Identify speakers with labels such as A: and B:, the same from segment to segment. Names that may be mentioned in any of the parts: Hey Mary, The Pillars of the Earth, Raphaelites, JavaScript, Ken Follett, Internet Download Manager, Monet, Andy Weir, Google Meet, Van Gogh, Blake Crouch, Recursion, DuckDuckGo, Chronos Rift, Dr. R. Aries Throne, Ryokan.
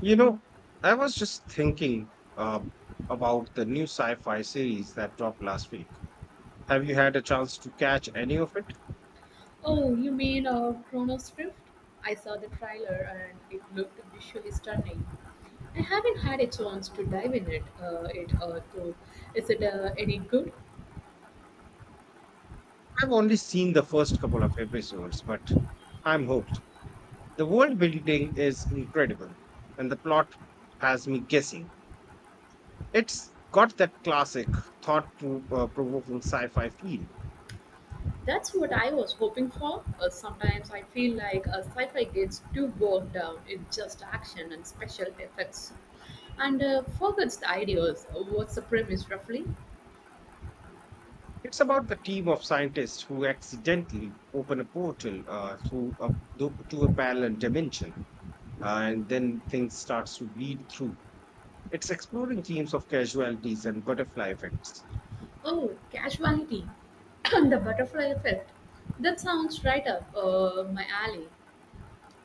A: You know, I was just thinking uh, about the new sci fi series that dropped last week. Have you had a chance to catch any of it?
B: Oh, you mean Chronos Rift? I saw the trailer and it looked visually stunning. I haven't had a chance to dive in it. It though. Is it any good?
A: I've only seen the first couple of episodes, but I'm hooked. The world building is incredible, and the plot has me guessing. It's got that classic thought provoking sci fi feel.
B: That's what I was hoping for. Sometimes I feel like sci-fi gets too bogged down in just action and special effects, and forgets the ideas. What's the premise roughly?
A: It's about the team of scientists who accidentally open a portal to a parallel dimension and then things starts to bleed through. It's exploring themes of casualties and butterfly effects.
B: Oh, casuality and the butterfly effect. That sounds right up my alley.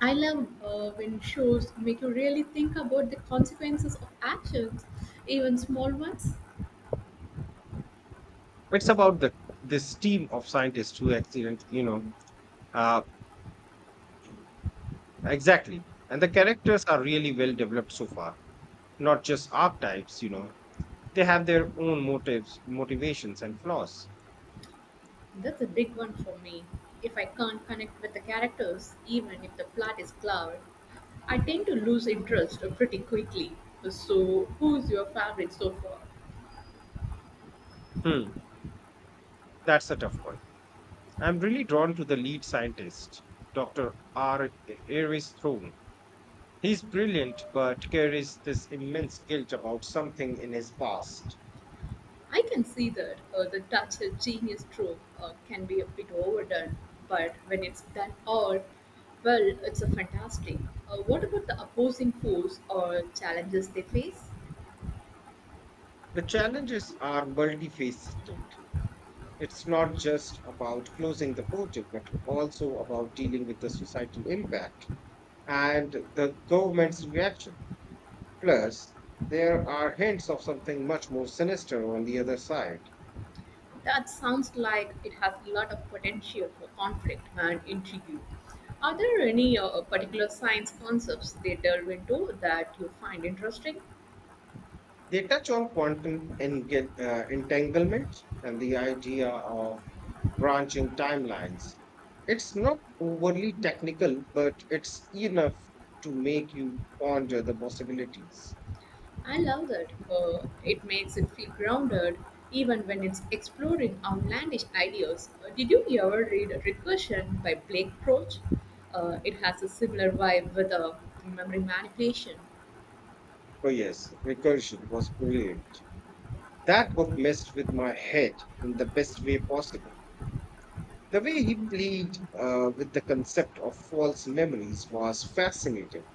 B: I love when shows make you really think about the consequences of actions, even small ones.
A: It's about the this team of scientists who uh, exactly. And the characters are really well developed so far. Not just archetypes. They have their own motives, motivations, and flaws.
B: That's a big one for me. If I can't connect with the characters, even if the plot is clever, I tend to lose interest pretty quickly. So, who's your favorite so far?
A: Hmm, that's a tough one. I'm really drawn to the lead scientist, Dr. R. Aries Throne. He's brilliant, but carries this immense guilt about something in his past.
B: I can see that the Dutch genius trope can be a bit overdone, but when it's done all, well, it's a fantastic. What about the opposing force or challenges they face?
A: The challenges are multifaceted. It's not just about closing the project, but also about dealing with the societal impact and the government's reaction. Plus, there are hints of something much more sinister on the other side.
B: That sounds like it has a lot of potential for conflict and intrigue. Are there any particular science concepts they delve into that you find interesting?
A: They touch on quantum and entanglement and the idea of branching timelines. It's not overly technical, but it's enough to make you ponder the possibilities.
B: I love that. It makes it feel grounded even when it's exploring outlandish ideas. Did you ever read Recursion by Blake Crouch? It has a similar vibe with memory manipulation.
A: Oh, yes, recursion was brilliant. That book messed with my head in the best way possible. The way he played with the concept of false memories was fascinating.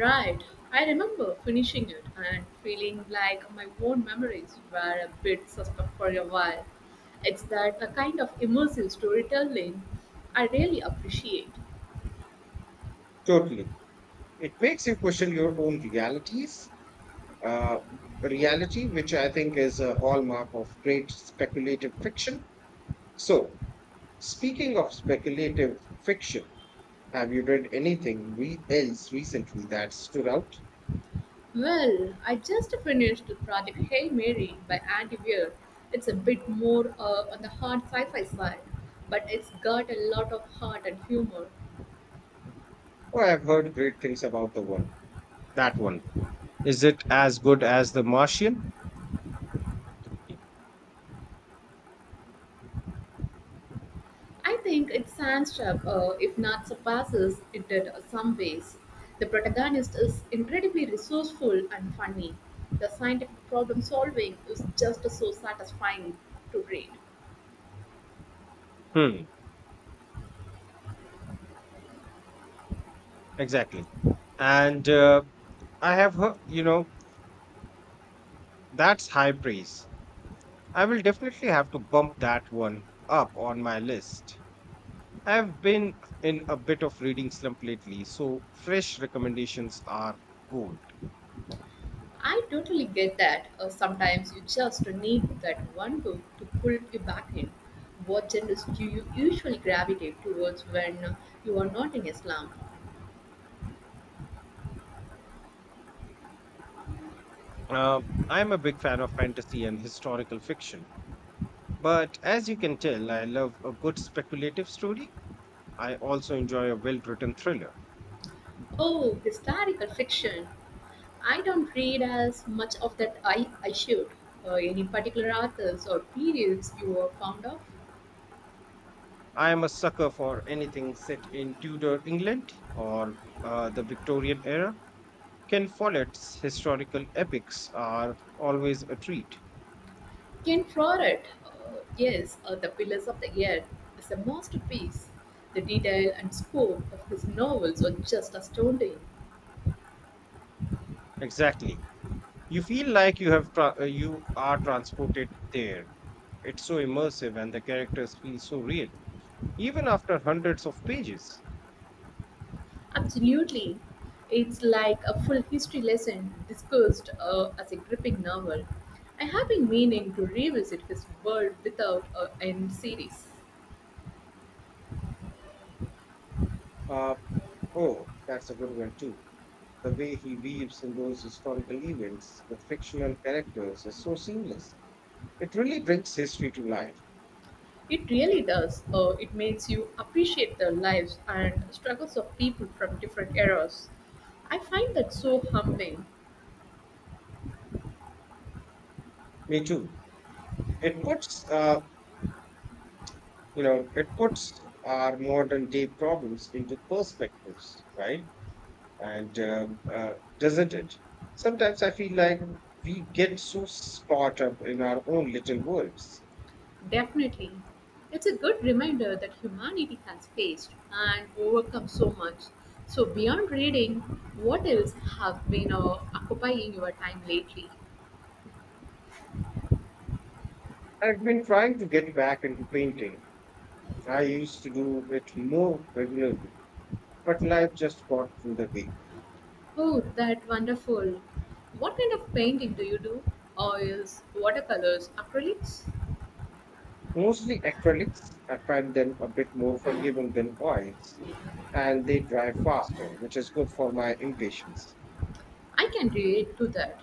B: Right. I remember finishing it and feeling like my own memories were a bit suspect for a while. It's that a kind of immersive storytelling I really appreciate.
A: Totally. It makes you question your own realities uh, reality, which I think is a hallmark of great speculative fiction. So, speaking of speculative fiction, have you read anything else recently that stood out?
B: Well, I just finished the project Hey Mary by Andy Weir. It's a bit more on the hard sci fi side, but it's got a lot of heart and humor.
A: Or I've heard great things about the one. That one. Is it as good as The Martian?
B: I think it stands up, if not surpasses it in some ways. The protagonist is incredibly resourceful and funny. The scientific problem solving is just so satisfying to read.
A: Hmm, exactly. And I have heard, that's high praise. I will definitely have to bump that one up on my list. I've been in a bit of reading slump lately, so fresh recommendations are gold.
B: I totally get that. Sometimes you just need that one book to pull you back in. What genres do you usually gravitate towards when you are not in Islam?
A: I'm a big fan of fantasy and historical fiction, but as you can tell, I love a good speculative story. I also enjoy a well written thriller.
B: Oh, historical fiction. I don't read as much of that I should. Any particular authors or periods you are fond of?
A: I am a sucker for anything set in Tudor England or the Victorian era. Ken Follett's historical epics are always a treat.
B: Ken Follett, yes, The Pillars of the Earth is a masterpiece. The detail and scope of his novels are just astounding.
A: Exactly. You feel like you are transported there. It's so immersive and the characters feel so real, even after hundreds of pages.
B: Absolutely. It's like a full history lesson discussed as a gripping novel. I have been meaning to revisit his world without end series.
A: Uh, oh, that's a good one too. The way he weaves in those historical events with fictional characters is so seamless. It really brings history to life.
B: It really does. It makes you appreciate the lives and struggles of people from different eras. I find that so humbling.
A: Me too. It puts, uh, it puts our modern day problems into perspectives, right? And Doesn't it? Sometimes I feel like we get so caught up in our own little worlds.
B: Definitely. It's a good reminder that humanity has faced and overcome so much. So, beyond reading, what else have been occupying your time lately?
A: I've been trying to get back into painting. I used to do it more regularly, but life just got in the way.
B: Oh, that wonderful. What kind of painting do you do? Oils, watercolors, acrylics?
A: Mostly acrylics. I find them a bit more forgiving than oils. And they drive faster, which is good for my impatience.
B: I can relate to that.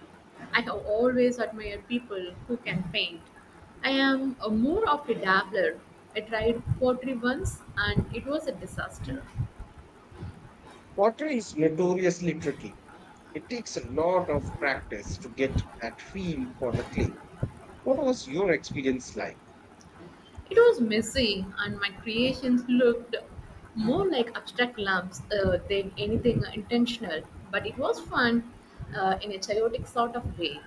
B: I have always admired people who can paint. I am a more of a dabbler. I tried pottery once and it was a disaster.
A: Water is notoriously tricky. It takes a lot of practice to get that feel for the clay. What was your experience like?
B: It was messy and my creations looked more like abstract lumps than anything intentional, but it was fun in a chaotic sort of way.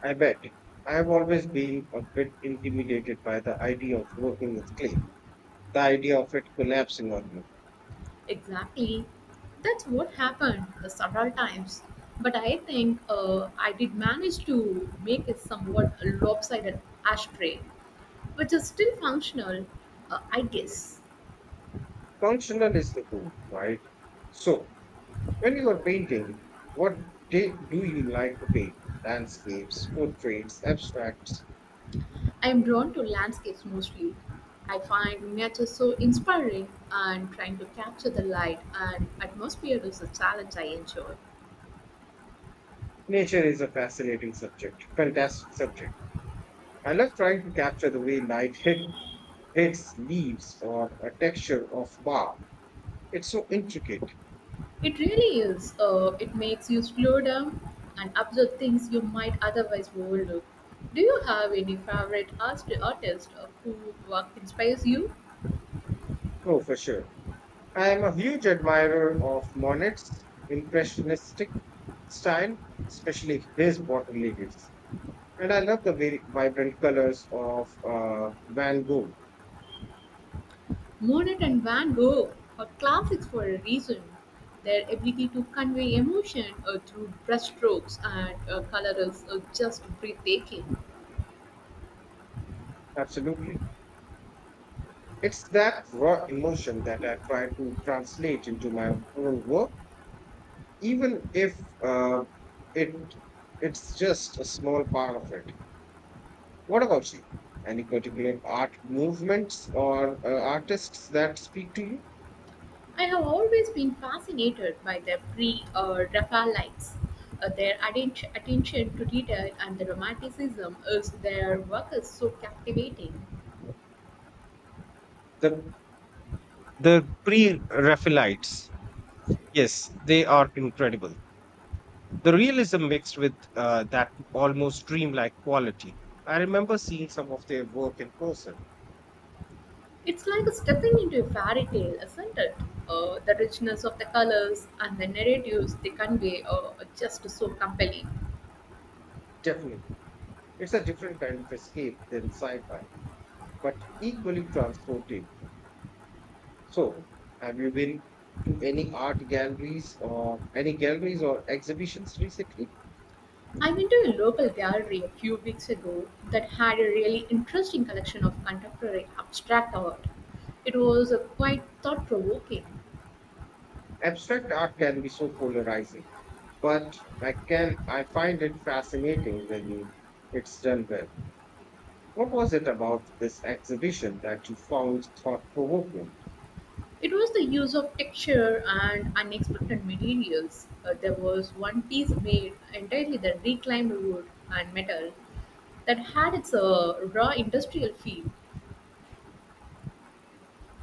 A: I bet. I've always been a bit intimidated by the idea of working with clay, the idea of it collapsing on me.
B: Exactly. That's what happened the several times. But I think I did manage to make a somewhat lopsided ashtray, which is still functional, I guess.
A: Functional is the goal, right? So, when you are painting, what do you like to paint? Landscapes, portraits, abstracts.
B: I am drawn to landscapes mostly. I find nature so inspiring, and trying to capture the light and atmosphere is a challenge I enjoy.
A: Nature is a fascinating subject, fantastic subject. I love trying to capture the way light hits leaves or a texture of bark. It's so intricate.
B: It really is. It makes you slow down and observe things you might otherwise overlook. Do you have any favorite art artist who work inspires you?
A: Oh, for sure. I am a huge admirer of Monet's impressionistic style, especially his water lilies. And I love the very vibrant colors of Van Gogh.
B: Monet and Van Gogh are classics for a reason. Their ability to convey emotion through brushstrokes and color is just breathtaking.
A: Absolutely. It's that raw emotion that I try to translate into my own work even if it it's just a small part of it. What about you? Any particular art movements or artists that speak to you?
B: I have always been fascinated by the pre Raphaelites. Their attention to detail and the romanticism of their work is so captivating.
A: The the pre-Raphaelites, yes, they are incredible. The realism mixed with that almost dreamlike quality. I remember seeing some of their work in person.
B: It's like stepping into a fairy tale, isn't it? The richness of the colors and the narratives they convey are just so compelling.
A: Definitely, it's a different kind of escape than sci-fi, but equally transportive. So, have you been to any art galleries or any galleries or exhibitions recently?
B: I went to a local gallery a few weeks ago that had a really interesting collection of contemporary abstract art. It was quite thought provoking.
A: Abstract art can be so polarizing, but I find it fascinating when it's done well. What was it about this exhibition that you found thought provoking?
B: It was the use of texture and unexpected materials. There was one piece made entirely the reclaimed wood and metal that had its raw industrial feel.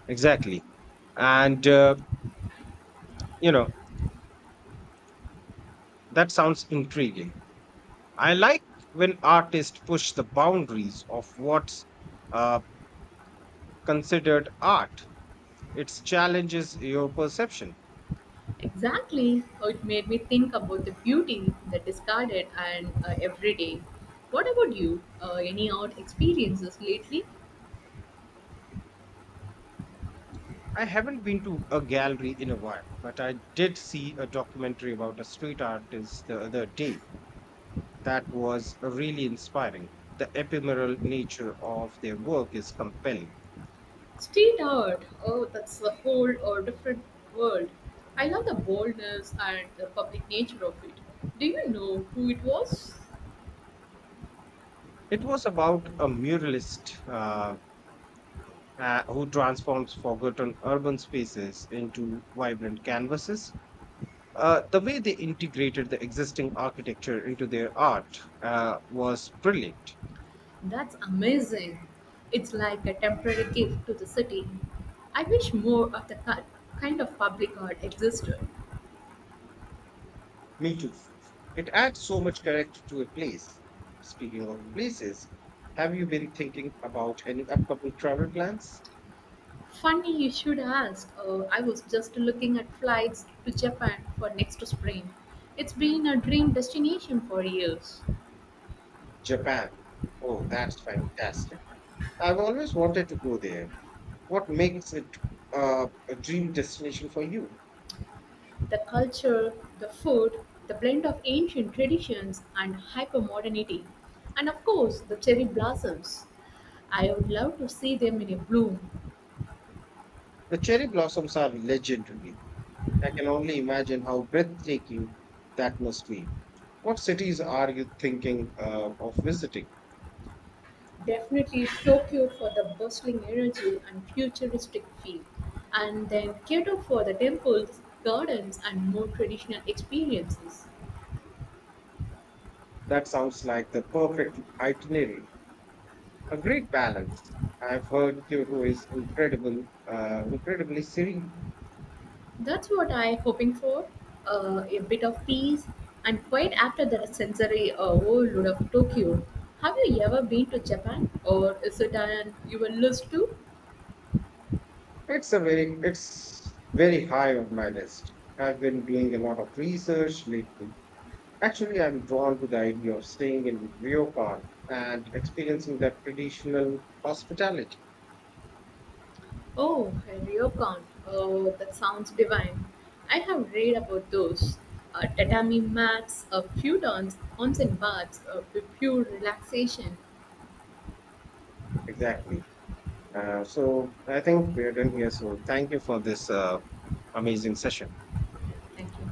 A: Exactly. And, uh, you know, that sounds intriguing. I like when artists push the boundaries of what's uh, considered art. It challenges your perception.
B: Exactly, it made me think about the beauty that discarded and everyday. What about you? Any art experiences lately?
A: I haven't been to a gallery in a while, but I did see a documentary about a street artist the other day that was really inspiring. The ephemeral nature of their work is compelling.
B: Street art. Oh, that's a whole or different world. I love the boldness and the public nature of it. Do you know who it was?
A: It was about a muralist who transforms forgotten urban spaces into vibrant canvases. The way they integrated the existing architecture into their art was brilliant.
B: That's amazing. It's like a temporary gift to the city. I wish more of the kind of public art existed.
A: Me too. It adds so much character to a place. Speaking of places, have you been thinking about any upcoming travel plans?
B: Funny you should ask. I was just looking at flights to Japan for next spring. It's been a dream destination for years.
A: Japan. Oh, that's fantastic. I've always wanted to go there. What makes it a dream destination for you?
B: The culture, the food, the blend of ancient traditions and hypermodernity, and of course the cherry blossoms. I would love to see them in a bloom.
A: The cherry blossoms are legendary. I can only imagine how breathtaking that must be. What cities are you thinking of visiting?
B: Definitely Tokyo for the bustling energy and futuristic feel, and then Kyoto for the temples, gardens, and more traditional experiences.
A: That sounds like the perfect itinerary. A great balance. I've heard Kyoto is incredibly serene.
B: That's what I'm hoping for a bit of peace and quiet after the sensory overload of Tokyo. Have you ever been to Japan, or is it on your list too?
A: It's very high on my list. I've been doing a lot of research lately. Actually, I'm drawn to the idea of staying in Ryokan and experiencing that traditional hospitality.
B: Oh, ryokan. Oh, that sounds divine. I have read about those. Tatami mats, a futons, turns, onsen baths, pure relaxation.
A: Exactly. So I think we're done here. So thank you for this amazing session.
B: Thank you.